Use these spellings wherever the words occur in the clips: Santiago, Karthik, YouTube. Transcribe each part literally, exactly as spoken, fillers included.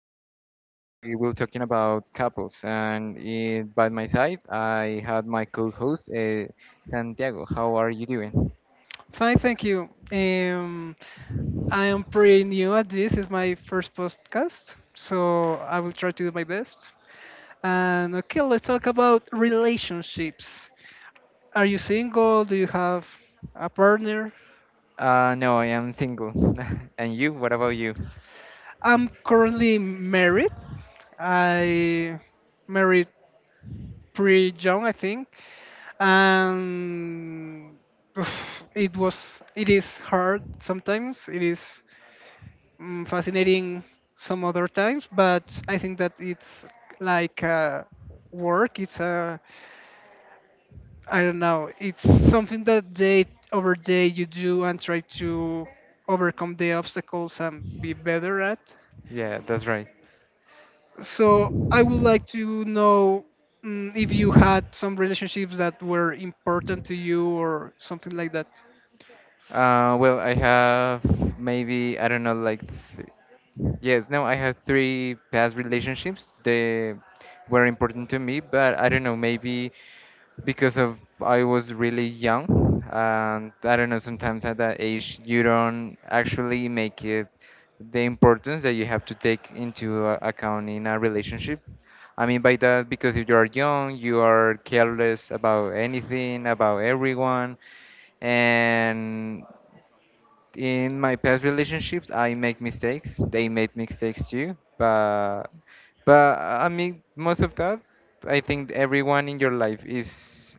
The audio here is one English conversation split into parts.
new podcast, we will talking about couples. And uh, by my side, I had my co-host uh, Santiago. How are you doing? Fine, thank you. Um, I am pretty new at this. It's my first podcast, so I will try to do my best. And okay, let's talk about relationships. Are you single? Do you have a partner? Uh, no, I am single. and you? What about you? I'm currently married. I married pretty young, I think, and oof, it was it is hard sometimes. It is mm, fascinating some other times, but I think that it's like uh, work. It's a I don't know. It's something that day over day you do and try to overcome the obstacles and be better at. Yeah, that's right. So I would like to know, mm, if you had some relationships that were important to you or something like that. Uh, well, I have maybe I don't know, like th- yes, no, I have three past relationships. They were important to me, but I don't know, maybe because of I was really young, and I don't know. Sometimes at that age, you don't actually make it the importance that you have to take into a- account in a relationship. I mean by that because if you are young, you are careless about anything, about everyone, and in my past relationships I make mistakes, they made mistakes too, but but I mean most of that. I think everyone in your life is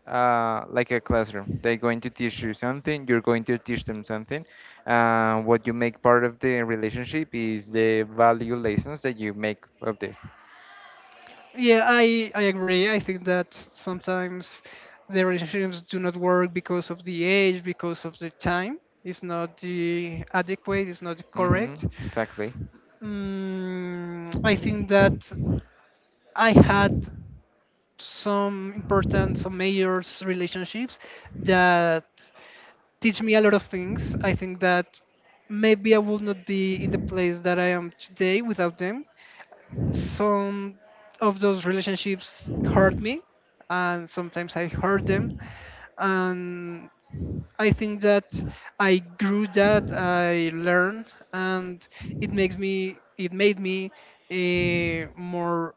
uh, like a classroom. They're going to teach you something, you're going to teach them something. Uh, what you make part of the relationship is the value lessons that you make of this. Yeah, I, I agree. I think that sometimes the relationships do not work because of the age, because of the time. It's not the adequate, it's not the Hmm. correct. Exactly. Mm, I think that I had some important, some major relationships that teach me a lot of things. I think that maybe I would not be in the place that I am today without them. Some of those relationships hurt me, and sometimes I hurt them. And I think that I grew, that I learned, and it makes me it made me, eh, more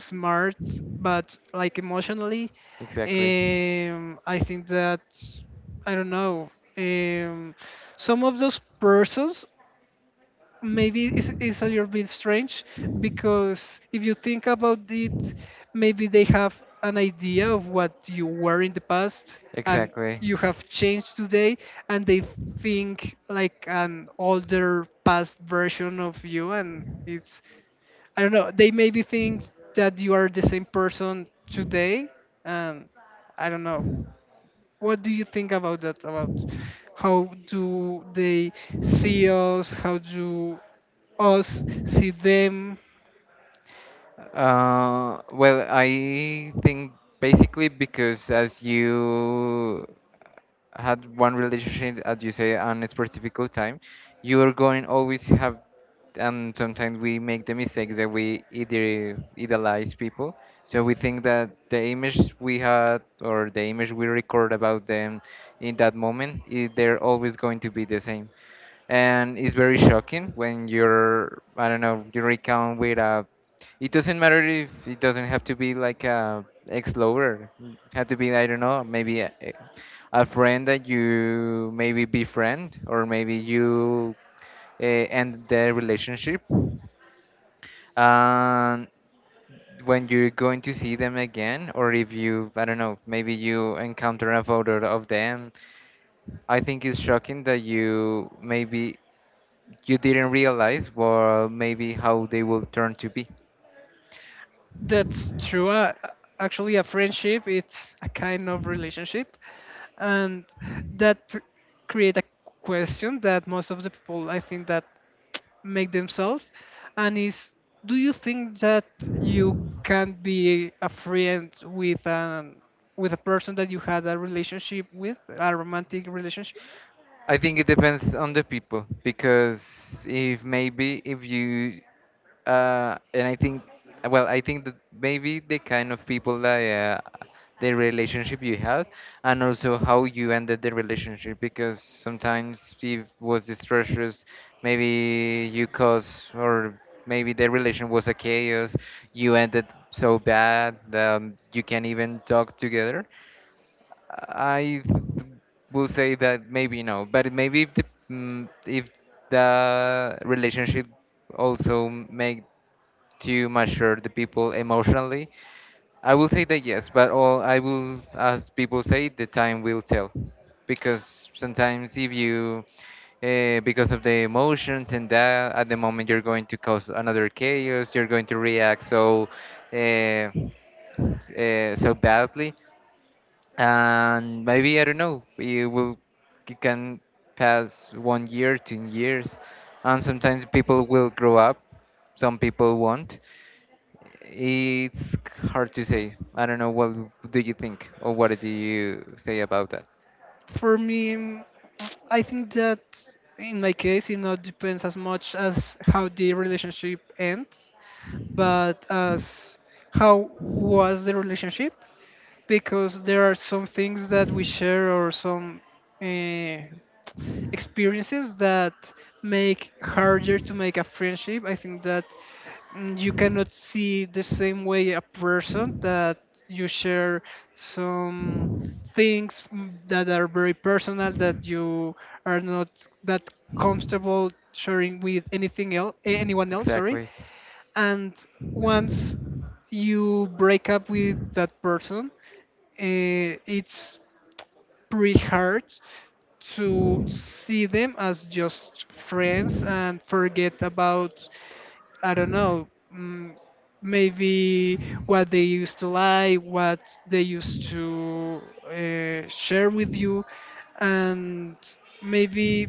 smart, but like emotionally. Exactly. um, I think that I don't know, um, some of those persons, maybe it's, it's a little bit strange because if you think about it, maybe they have an idea of what you were in the past, and Exactly. you have changed today, and they think like an older past version of you. And it's, I don't know, they maybe think that you are the same person today. And I don't know. What do you think about that? About how do they see us? How do us see them? Uh, well, I think basically because as you had one relationship, as you say, on a specific time, you are going always have, and sometimes we make the mistakes that we either idealize people. So we think that the image we had or the image we record about them in that moment, i- they're always going to be the same. And it's very shocking when you're, I don't know, you recount with a it doesn't matter if it doesn't have to be like a ex-lover. It had to be I don't know, maybe a, a a friend that you maybe befriend or maybe you uh, end the relationship. And when you're going to see them again, or if you, I don't know, maybe you encounter a photo of them, I think it's shocking that you maybe you didn't realize well maybe how they will turn to be. That's true. Uh, actually, a friendship, it's a kind of relationship, and that create a question that most of the people, I think, that make themselves, and is, do you think that you can be a friend with an, with a person that you had a relationship with, a romantic relationship? I think it depends on the people because if maybe if you uh, and I think well I think that maybe the kind of people that uh, the relationship you had and also how you ended the relationship, because sometimes if it was distressed, maybe you caused, or maybe the relation was a chaos you ended so bad that you can't even talk together. I th- will say that maybe no, but maybe if the mm, if the relationship also make to mature the people emotionally, I will say that yes. But all I will, as people say, the time will tell, because sometimes if you uh, because of the emotions and that at the moment you're going to cause another chaos, you're going to react so uh, s- uh, so badly, and maybe I don't know. It will it can pass one year, two years, and sometimes people will grow up. Some people won't. It's hard to say. I don't know. What do you think, or what do you say about that? For me, I think that in my case, it not depends as much as how the relationship ends, but as how was the relationship, because there are some things that we share, or some, uh, experiences that make harder to make a friendship. I think that, mm, you cannot see the same way a person that you share some things, mm, that are very personal, that you are not that comfortable sharing with anything else, anyone else, sorry. Exactly. And once you break up with that person, eh, it's pretty hard to see them as just friends and forget about, I don't know, mm, maybe what they used to like, what they used to uh, share with you, and maybe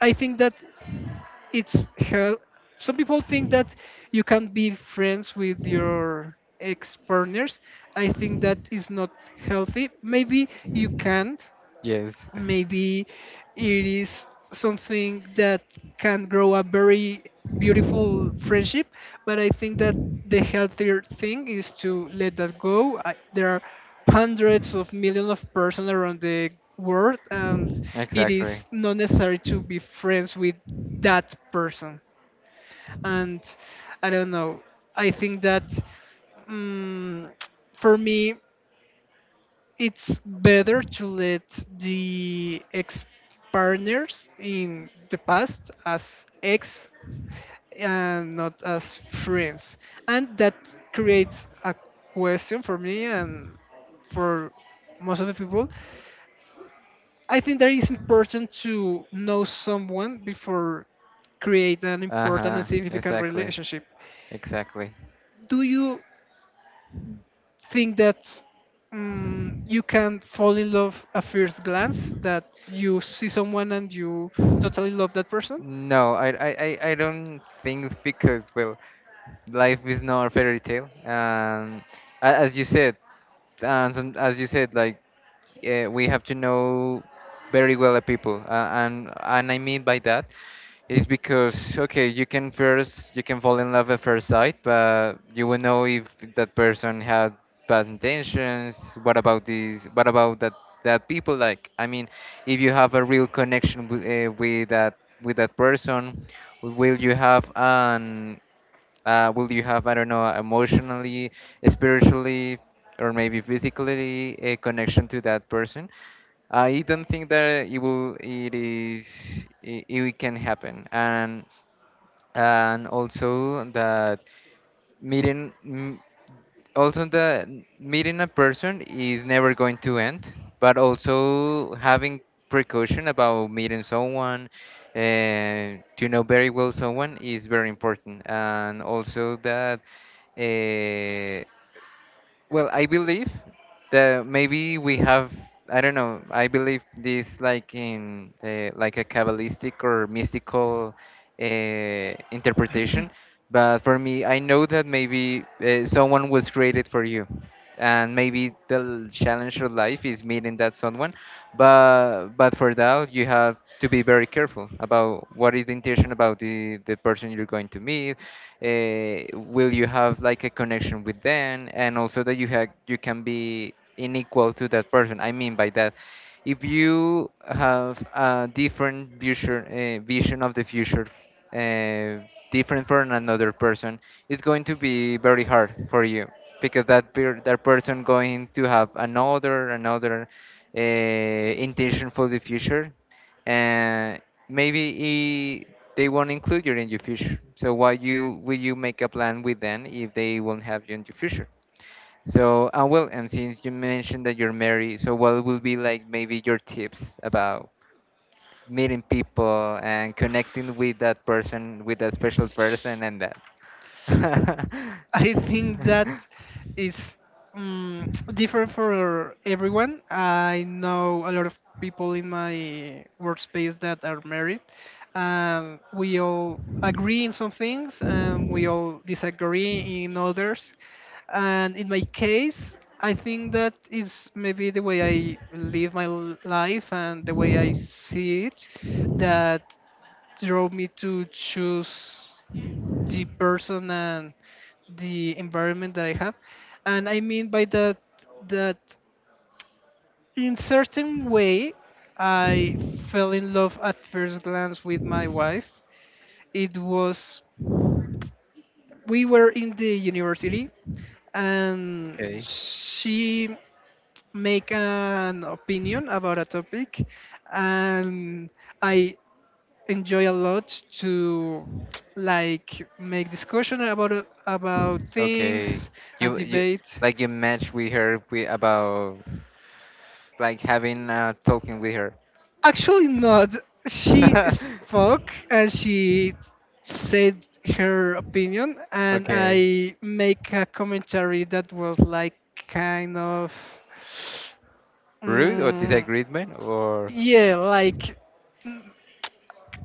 I think that it's hel- some people think that you can be friends with your ex partners. I think that is not healthy. Maybe you can, Yes. maybe it is something that can grow a very beautiful friendship, but I think that the healthier thing is to let that go. I, there are hundreds of millions of persons around the world, and it Exactly. is not necessary to be friends with that person. And I don't know, I think that, mm for me it's better to let the ex partners in the past as ex and not as friends. And that creates a question for me and for most of the people. I think that it's important to know someone before create an Uh important and huh. significant Exactly. relationship. Exactly. Do you think that, um, you can fall in love at first glance, that you see someone and you totally love that person? No, I, I, I I don't think, because well, life is not a fairy tale, and a- as you said, and some, as you said, like uh, we have to know very well the people. uh, and and I mean by that is because okay, you can first you can fall in love at first sight, but you will know if that person had bad intentions. What about these? What about that? That people like I mean, if you have a real connection with, uh, with that with that person, will you have an uh, will you have, I don't know, emotionally, spiritually, or maybe physically a connection to that person? I don't think that it will, it is, it, it can happen. And and also that meeting m- also the meeting a person is never going to end, but also having precaution about meeting someone uh, to know very well someone is very important. And also that uh, well, I believe that maybe we have, I don't know, I believe this like in uh, like a Kabbalistic or mystical uh, interpretation. But for me, I know that maybe uh, someone was created for you. And maybe the l- challenge of life is meeting that someone, but but for that you have to be very careful about what is the intention about the, the person you're going to meet. Uh, will you have like a connection with them, and also that you have you can be unequal to that person? I mean by that, if you have a different vision, uh, vision of the future, uh, different from another person, it's going to be very hard for you, because that per- that person going to have another another uh, intention for the future. And maybe he, they won't include you in your future, so why you will you make a plan with them if they won't have you in your future? So uh, well, and since you mentioned that you're married, so what will be like maybe your tips about meeting people and connecting with that person, with that special person, and that? I think that is, um, different for everyone. I know a lot of people in my workspace that are married. Um, we all agree in some things, and we all disagree in others. And in my case, I think that is maybe the way I live my l- life and the way I see it, that drove me to choose the person and the environment that I have. And I mean by that, that in certain way, I fell in love at first glance with my wife. It was, we were in the university, and Okay. she make an opinion about a topic, and I enjoy a lot to, like, make discussion about about Okay. things and You you debate. like you match with her with about like having a talking with her. Actually, not. She spoke and she said her opinion, and Okay. I make a commentary that was like kind of, Rude or mm, disagreement or yeah, like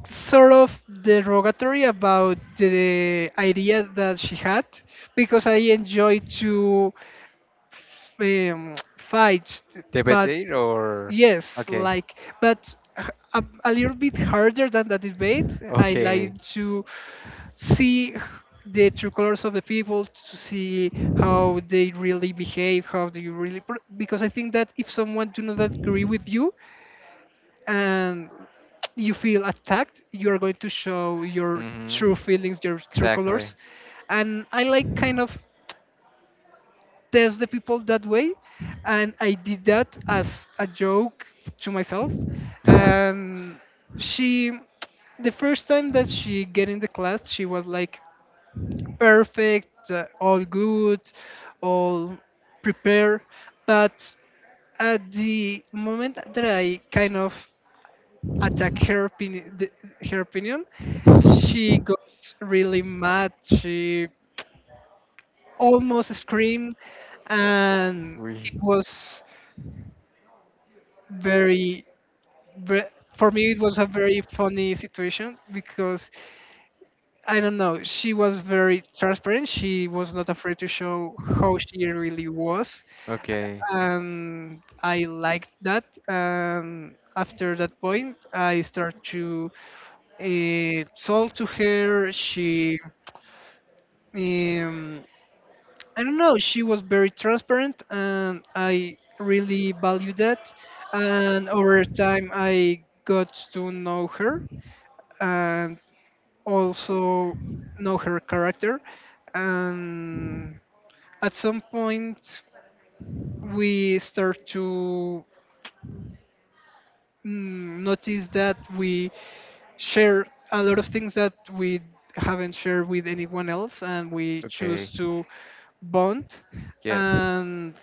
sort of derogatory about the idea that she had, because I enjoy to, um, fights, but debate or yes, okay. like, but h- a, a little bit harder than the debate. I Okay. like to see h- the true colors of the people, to see how they really behave, how they really, pr- because I think that if someone do not agree with you and you feel attacked, you're going to show your Mm-hmm. true feelings, your true Exactly. colors. And I like kind of test the people that way. And I did that as a joke to myself. And she, the first time that she get in the class, she was like perfect, uh, all good, all prepared. But at the moment that I kind of attack her opinion, the, her opinion, she got really mad. She almost screamed, and it We was very, ve- for me it was a very funny situation because I don't know, she was very transparent, she was not afraid to show how she really was, okay. and I liked that. And after that point I start to uh, talk to her. She, um, I don't know, she was very transparent, and I really value that. And over time I got to know her, and also know her character. And at some point, we start to, mm, notice that we share a lot of things that we haven't shared with anyone else, and we Okay. choose to bond. Yes. And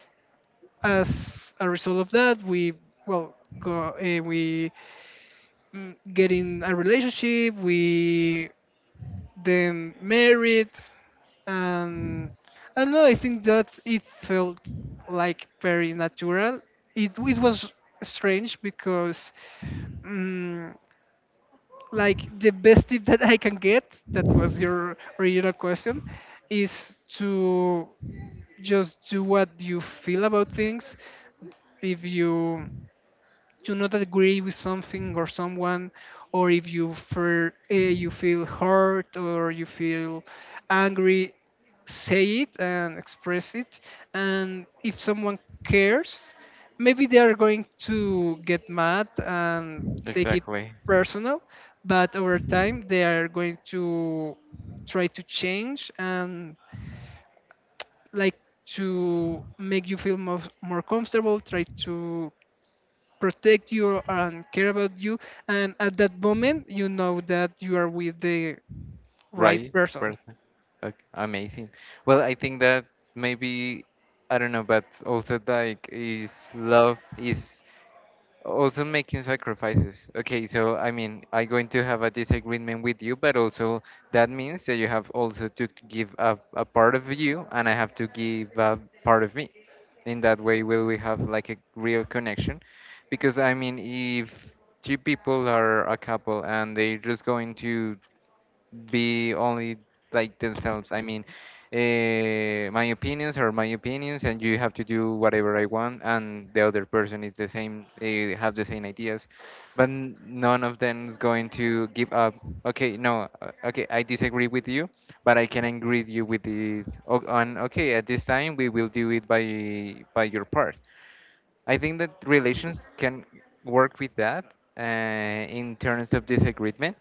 as a result of that, we well go uh, we, mm, get in a relationship. We then married, and I don't know. I think that it felt like very natural. It it was strange because, mm like the best tip that I can get, that was your original question, is to just do what you feel about things. If you to not agree with something or someone, or if you feel uh, you feel hurt, or you feel angry, say it and express it. And if someone cares, maybe they are going to get mad and take it Exactly. personal, but over time they are going to try to change, and like to make you feel more, more comfortable, try to protect you and care about you, and at that moment you know that you are with the right Right person. person. Okay. Amazing. Well, I think that maybe I don't know, but also like is love is also making sacrifices. Okay, so I mean, I'm going to have a disagreement with you, but also that means that you have also to give up a part of you, and I have to give up part of me. In that way, will we have like a real connection? Because I mean, if two people are a couple and they're just going to be only like themselves. I mean, uh, my opinions are my opinions, and you have to do whatever I want, and the other person is the same, they have the same ideas, but n- none of them is going to give up. Okay, no, uh, okay, I disagree with you, but I can agree with you with it. o- On okay, at this time we will do it by by your part. I think that relations can work with that uh, in terms of disagreement,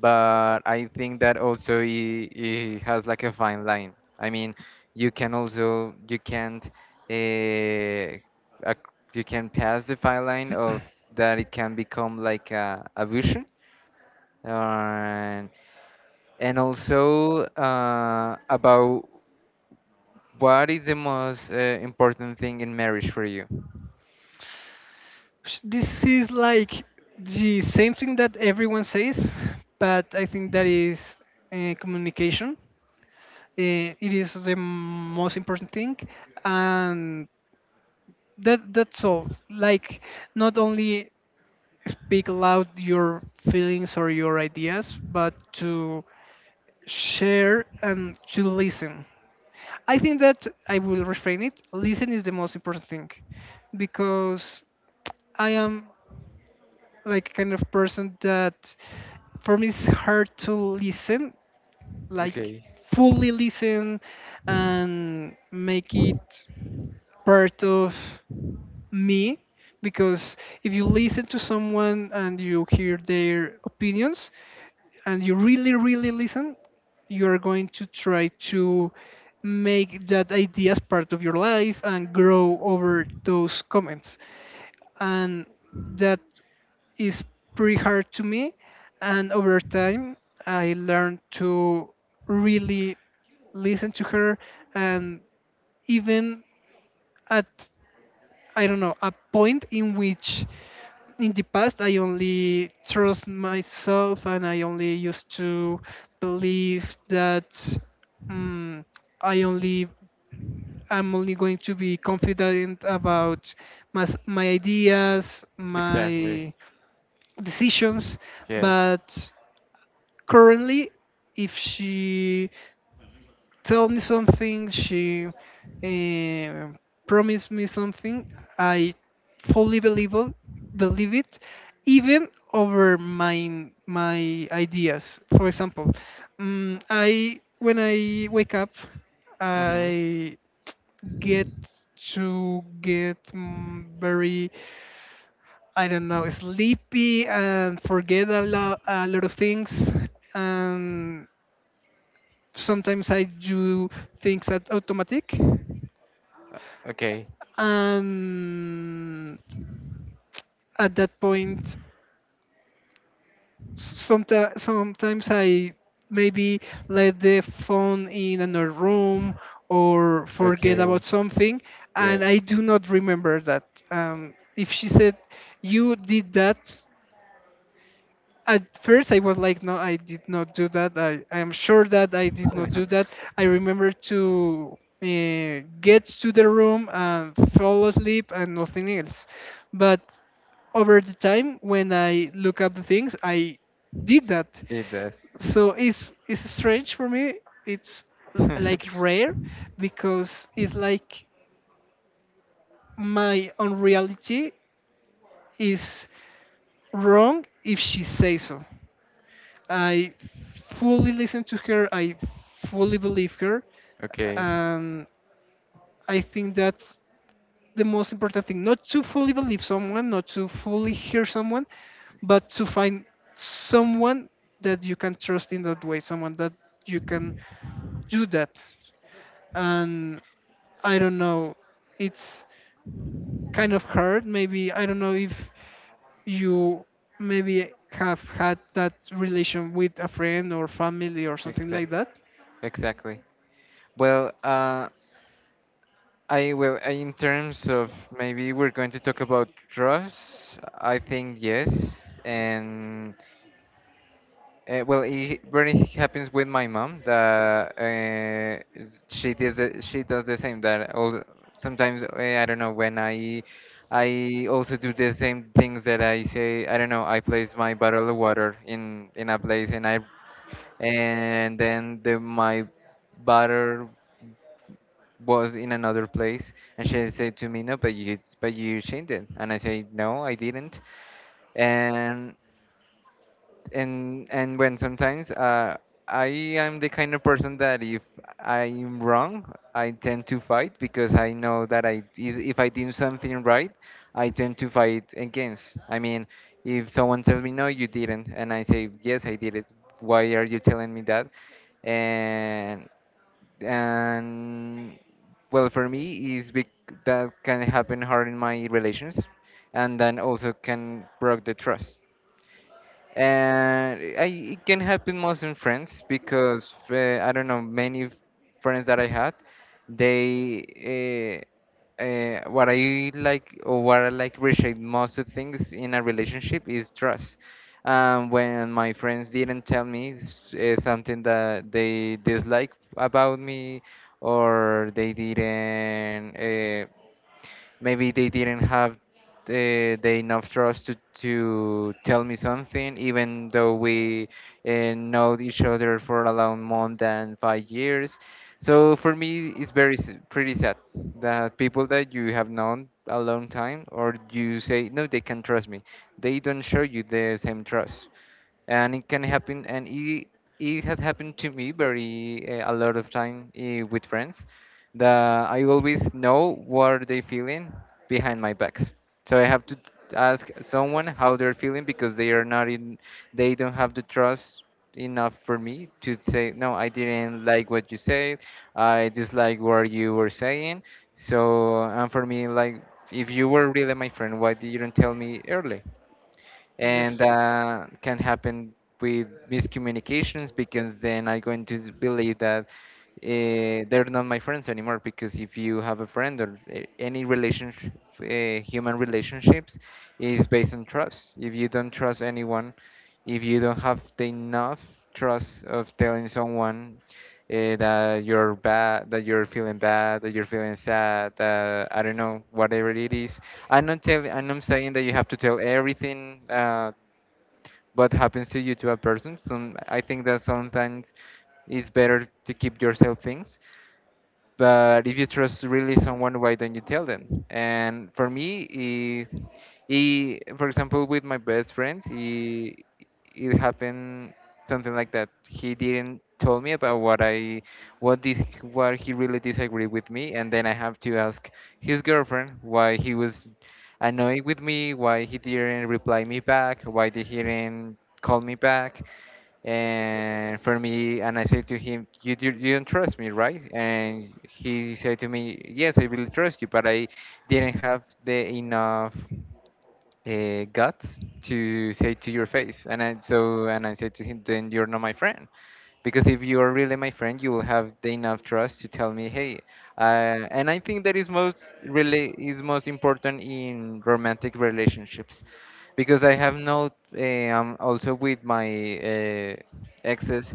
but I think that also it, it has like a fine line. I mean, you can also you can't uh, ac- you can pass the fine line of that it can become like a, a vision, and and also uh, about what is the most uh, important thing in marriage for you. Sh- this is like the same thing that everyone says, but I think that is, uh, communication, uh, it is the most important thing. And that, that's all like not only speak aloud your feelings or your ideas, but to share and to listen. I think that I will refrain it. Listen is the most important thing, because I am like a kind of person that, for me it's hard to listen, like Okay, fully listen and make it part of me, because if you listen to someone and you hear their opinions, and you really really listen, you're going to try to make that idea as part of your life and grow over those comments. And that is pretty hard to me. And over time I learned to really listen to her. And even at, I don't know, a point in which in the past I only trust myself, and I only used to believe that, mm I only, I'm only going to be confident about my, s- my ideas, exactly. my decisions. Yes. But currently, if she tell me something, she uh, promised me something, I fully believe it, believe it, even over my my ideas. For example, um, I, when I wake up, Hmm. I get to get, mm, very, I don't know, sleepy, and forget a lot, a lot of things. And sometimes I do things at automatic, Okay, and at that point, sometimes sometimes I maybe let the phone in another room, or forget about okay, something. And I yes. do not remember that, um, if she said you did that, at first I was like, no, I did not do that. I, I am sure that I did not do that. I remember to uh, get to the room and fall asleep and nothing else. But over the time, when I look up the things, I did that. Did that. So it's it's strange for me. It's l- like rare, because it's like my unreality is wrong if she says so. I fully listen to her. I fully believe her, Okay, and I think that's the most important thing. Not to fully believe someone, not to fully hear someone, but to find someone that you can trust in that way, someone that you can do that. And I don't know, it's kind of hard. Maybe I don't know if you maybe have had that relation with a friend or family or something exact, like that. exactly. Well, uh, I will. uh, In terms of maybe we're going to talk about trust. I think yes, and. Uh, well, it really happens with my mom that uh, she does the, she does the same. That all sometimes uh, I don't know when I I also do the same things that I say. I don't know. I place my bottle of water in in a place and I and then the my butter was in another place, and she said to me no, but you but you changed it, and I say no, I didn't. And and and when sometimes uh, I am the kind of person that if I'm wrong, I tend to fight because I know that I if if I did something right, I tend to fight against. I mean, if someone tells me no, you didn't, and I say yes, I did it. Why are you telling me that? And and well, for me is bec- that can happen hard in my relations, and then also can break the trust. And I, it can happen most in friends, because uh, I don't know, many friends that I had, they uh, uh, what I like, or what I like appreciate most of things in a relationship is trust. Um, when my friends didn't tell me s- uh, something that they dislike about me, or they didn't. Uh, maybe they didn't have the, the enough trust to, to tell me something, even though we uh, know each other for around more than five years. So for me it's very s- pretty sad that people that you have known a long time, or you say, "No, they can trust me," they don't show you the same trust. And it can happen, and it, it has happened to me very uh, a lot of time uh, with friends, that I always know what are they feeling behind my backs. So I have to t- ask someone how they're feeling, because they are not in, they don't have the trust enough for me to say, "No, I didn't like what you said, I dislike what you were saying." So, and for me, like, if you were really my friend, why didn't you tell me early? Yes. And that can happen with miscommunications, because then I'm going to believe that uh, they're not my friends anymore. Because if you have a friend, or uh, any relationship, uh, human relationships is based on trust. If you don't trust anyone, if you don't have the enough trust of telling someone uh, that you're bad, that you're feeling bad, that you're feeling sad, that I don't know, whatever it is. I'm not telling, I'm not saying that you have to tell everything uh, what happens to you to a person. So I think that sometimes it's better to keep yourself things, but if you trust really someone, why don't you tell them? And for me it, it, for example, with my best friend it, it happened something like that. He didn't tell me about what I what did what he really disagreed with me, and then I have to ask his girlfriend why he was annoyed with me, why he didn't reply me back, why he didn't call me back. And for me, and I said to him, you, do, "You don't trust me, right?" And he said to me, "Yes, I really trust you, but I didn't have the enough uh, guts to say to your face." And I, so, and I said to him, "Then you're not my friend, because if you are really my friend, you will have the enough trust to tell me, hey, uh, and I think that is most really is most important in romantic relationships, because I have not, um, also with my uh, exes,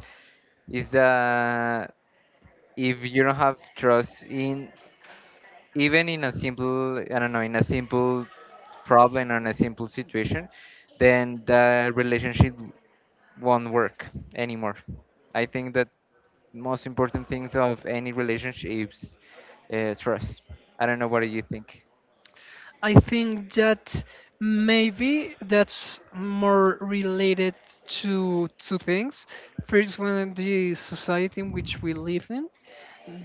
is that if you don't have trust in, even in a simple, I don't know, in a simple problem or in a simple situation, then the relationship won't work anymore. I think that most important things of any relationship is uh, trust. I don't know, what do you think? I think that maybe that's more related to two things. First one, the society in which we live in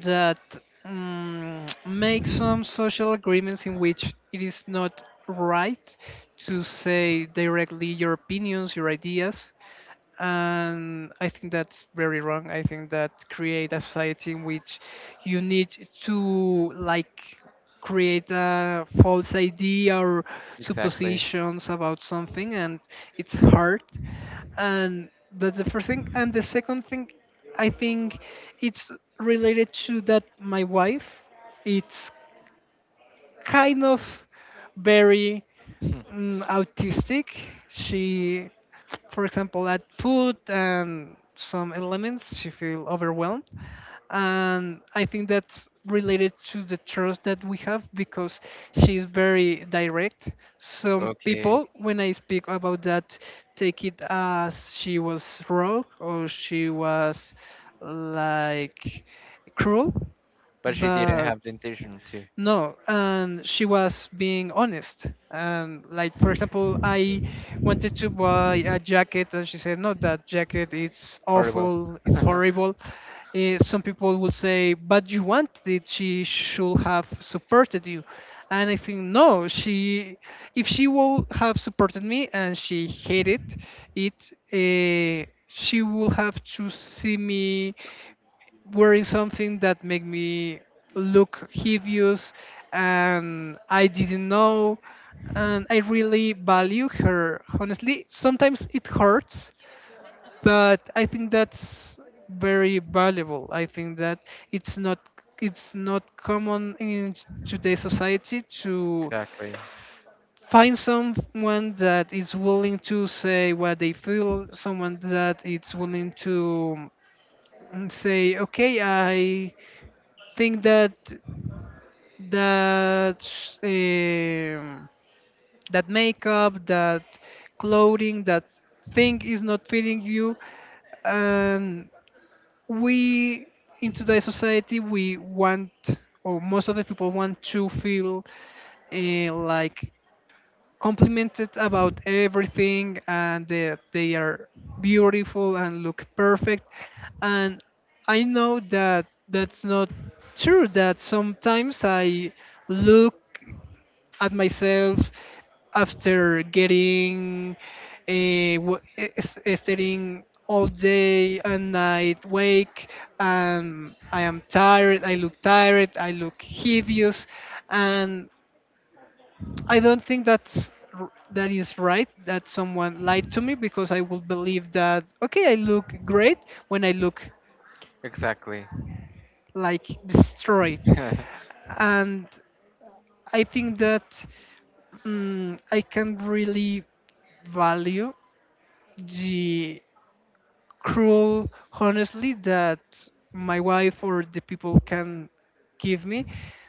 that um, makes some social agreements in which it is not right to say directly your opinions, your ideas, and I think that's very wrong. I think that create a society in which you need to like create a false idea or Exactly. suppositions about something, and it's hard. And that's the first thing. And the second thing, I think it's related to that my wife. It's kind of very Hmm. mm, autistic. She, for example, at food and some elements, she feel overwhelmed, and I think that's related to the trust that we have because she's very direct. Some Okay, people, when I speak about that, take it as she was wrong or she was like cruel, but she didn't but have the intention to. no, and she was being honest. And like for example, I wanted to buy a jacket, and she said, "No, that jacket it's Horrible. awful, it's horrible." Eh, some people would say, "But you wanted it; she should have supported you." And I think no, she if she would have supported me and she hated it, eh, she would have to see me wearing something that made me look hideous and I didn't know, and I really value her honestly. Sometimes it hurts, but I think that's very valuable. I think that it's not, it's not common in today's society to Exactly. find someone that is willing to say what they feel, someone that is willing to mm, say okay. I think that that um, that makeup, that clothing, that thing is not fitting you, and we in today's society we want, or most of the people want to feel uh, like complimented about everything and that they are beautiful and look perfect. And I know that that's not true, that sometimes I look at myself after getting uh, w- eh, s- staying all day and night wake, and I am tired, I look tired, I look hideous. And I don't think that's r- that is right that someone lied to me, because I would believe that okay, I look great when I look Exactly. like destroyed. And I think that mm I can really value the cruel honestly that my wife or the people can give me,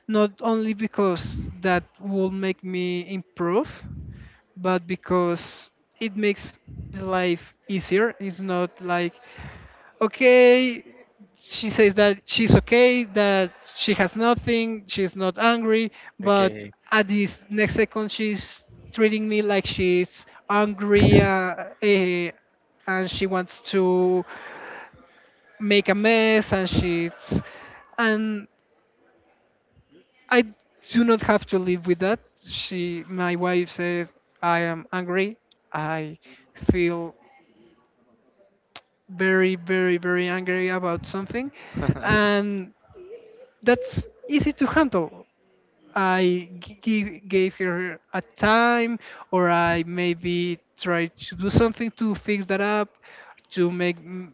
not only because that will make me improve, but because it makes life easier. It's not like, okay, she says that she's okay, that she has nothing, she's not angry, but Okay. at this next second, she's treating me like she's angry uh, eh, and she wants to make a mess and she's and I do not have to live with that. She, my wife says, I am angry, I feel very, very, very angry about something, and that's easy to handle. I g- gi- gave her a time, or I maybe try to do something to fix that up, to make mm,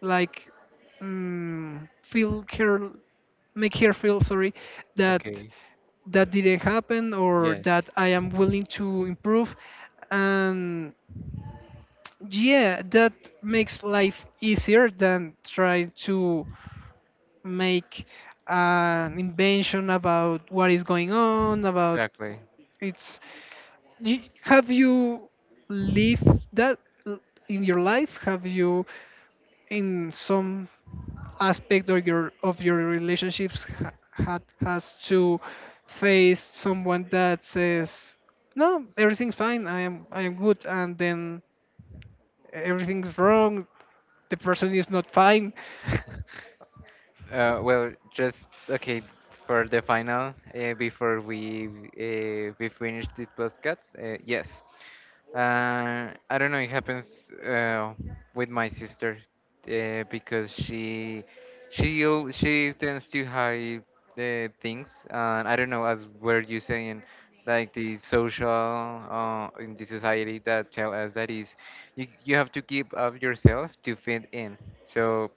like mm, feel her, make her feel sorry that Okay. that didn't happen, or Yes. that I am willing to improve, and yeah, that makes life easier than trying to make an invention about what is going on about Exactly. it's you, have you lived that l- in your life, have you in some aspect of your of your relationships ha, had has to face someone that says no, everything's fine, I am, I am good, and then everything's wrong, the person is not fine. Uh, well, just, okay, for the final, uh, before we, uh, we finish the podcast. Uh, yes, uh, I don't know. It happens uh, with my sister uh, because she she al- she tends to hide the things. And I don't know, as were you saying, like the social, uh, in the society that tell us that is, you, you have to give up yourself to fit in. So,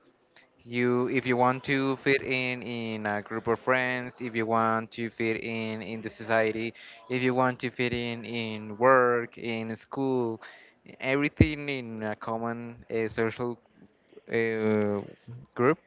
you, if you want to fit in in a group of friends, if you want to fit in in the society, if you want to fit in in work, in school, everything in a common uh, social uh, group,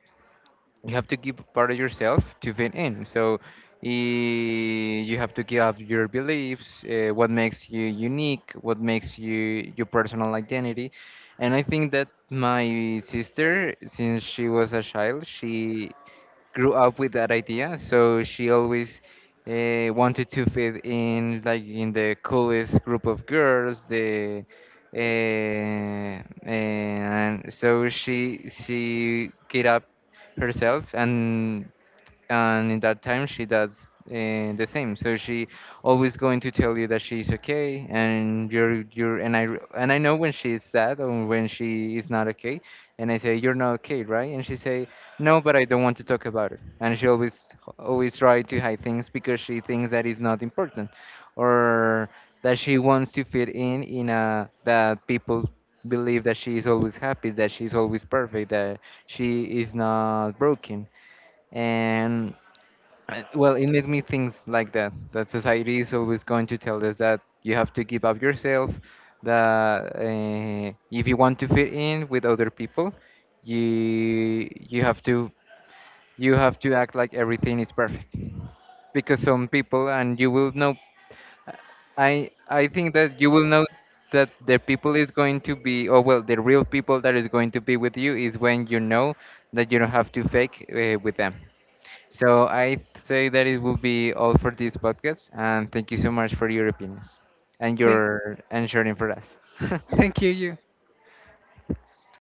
you have to give part of yourself to fit in. So eh, you have to give up your beliefs, uh, what makes you unique, what makes you your personal identity. And I think that my sister, since she was a child, she grew up with that idea. So she always uh, wanted to fit in, like in the coolest group of girls. The uh, and so she she get up herself, and and in that time she does uh, the same. So she always going to tell you that she's okay, and you're you're and i r- and I know when she is sad or when she is not okay, and I say, "You're not okay, right?" And she say, "No, but I don't want to talk about it." And she always, always try to hide things because she thinks that is not important, or that she wants to fit in in a, that people believe that she is always happy, that she is always perfect, that she is not broken. And uh, well, it made me think like that, that society is always going to tell us that you have to give up yourself, that uh, if you want to fit in with other people, you you have to, you have to act like everything is perfect. Because some people, and you will know, I I think that you will know, that the people is going to be, or well, the real people that is going to be with you is when you know that you don't have to fake uh, with them. So I say that it will be all for this podcast, and thank you so much for your opinions and thank your and sharing for us. Thank you you.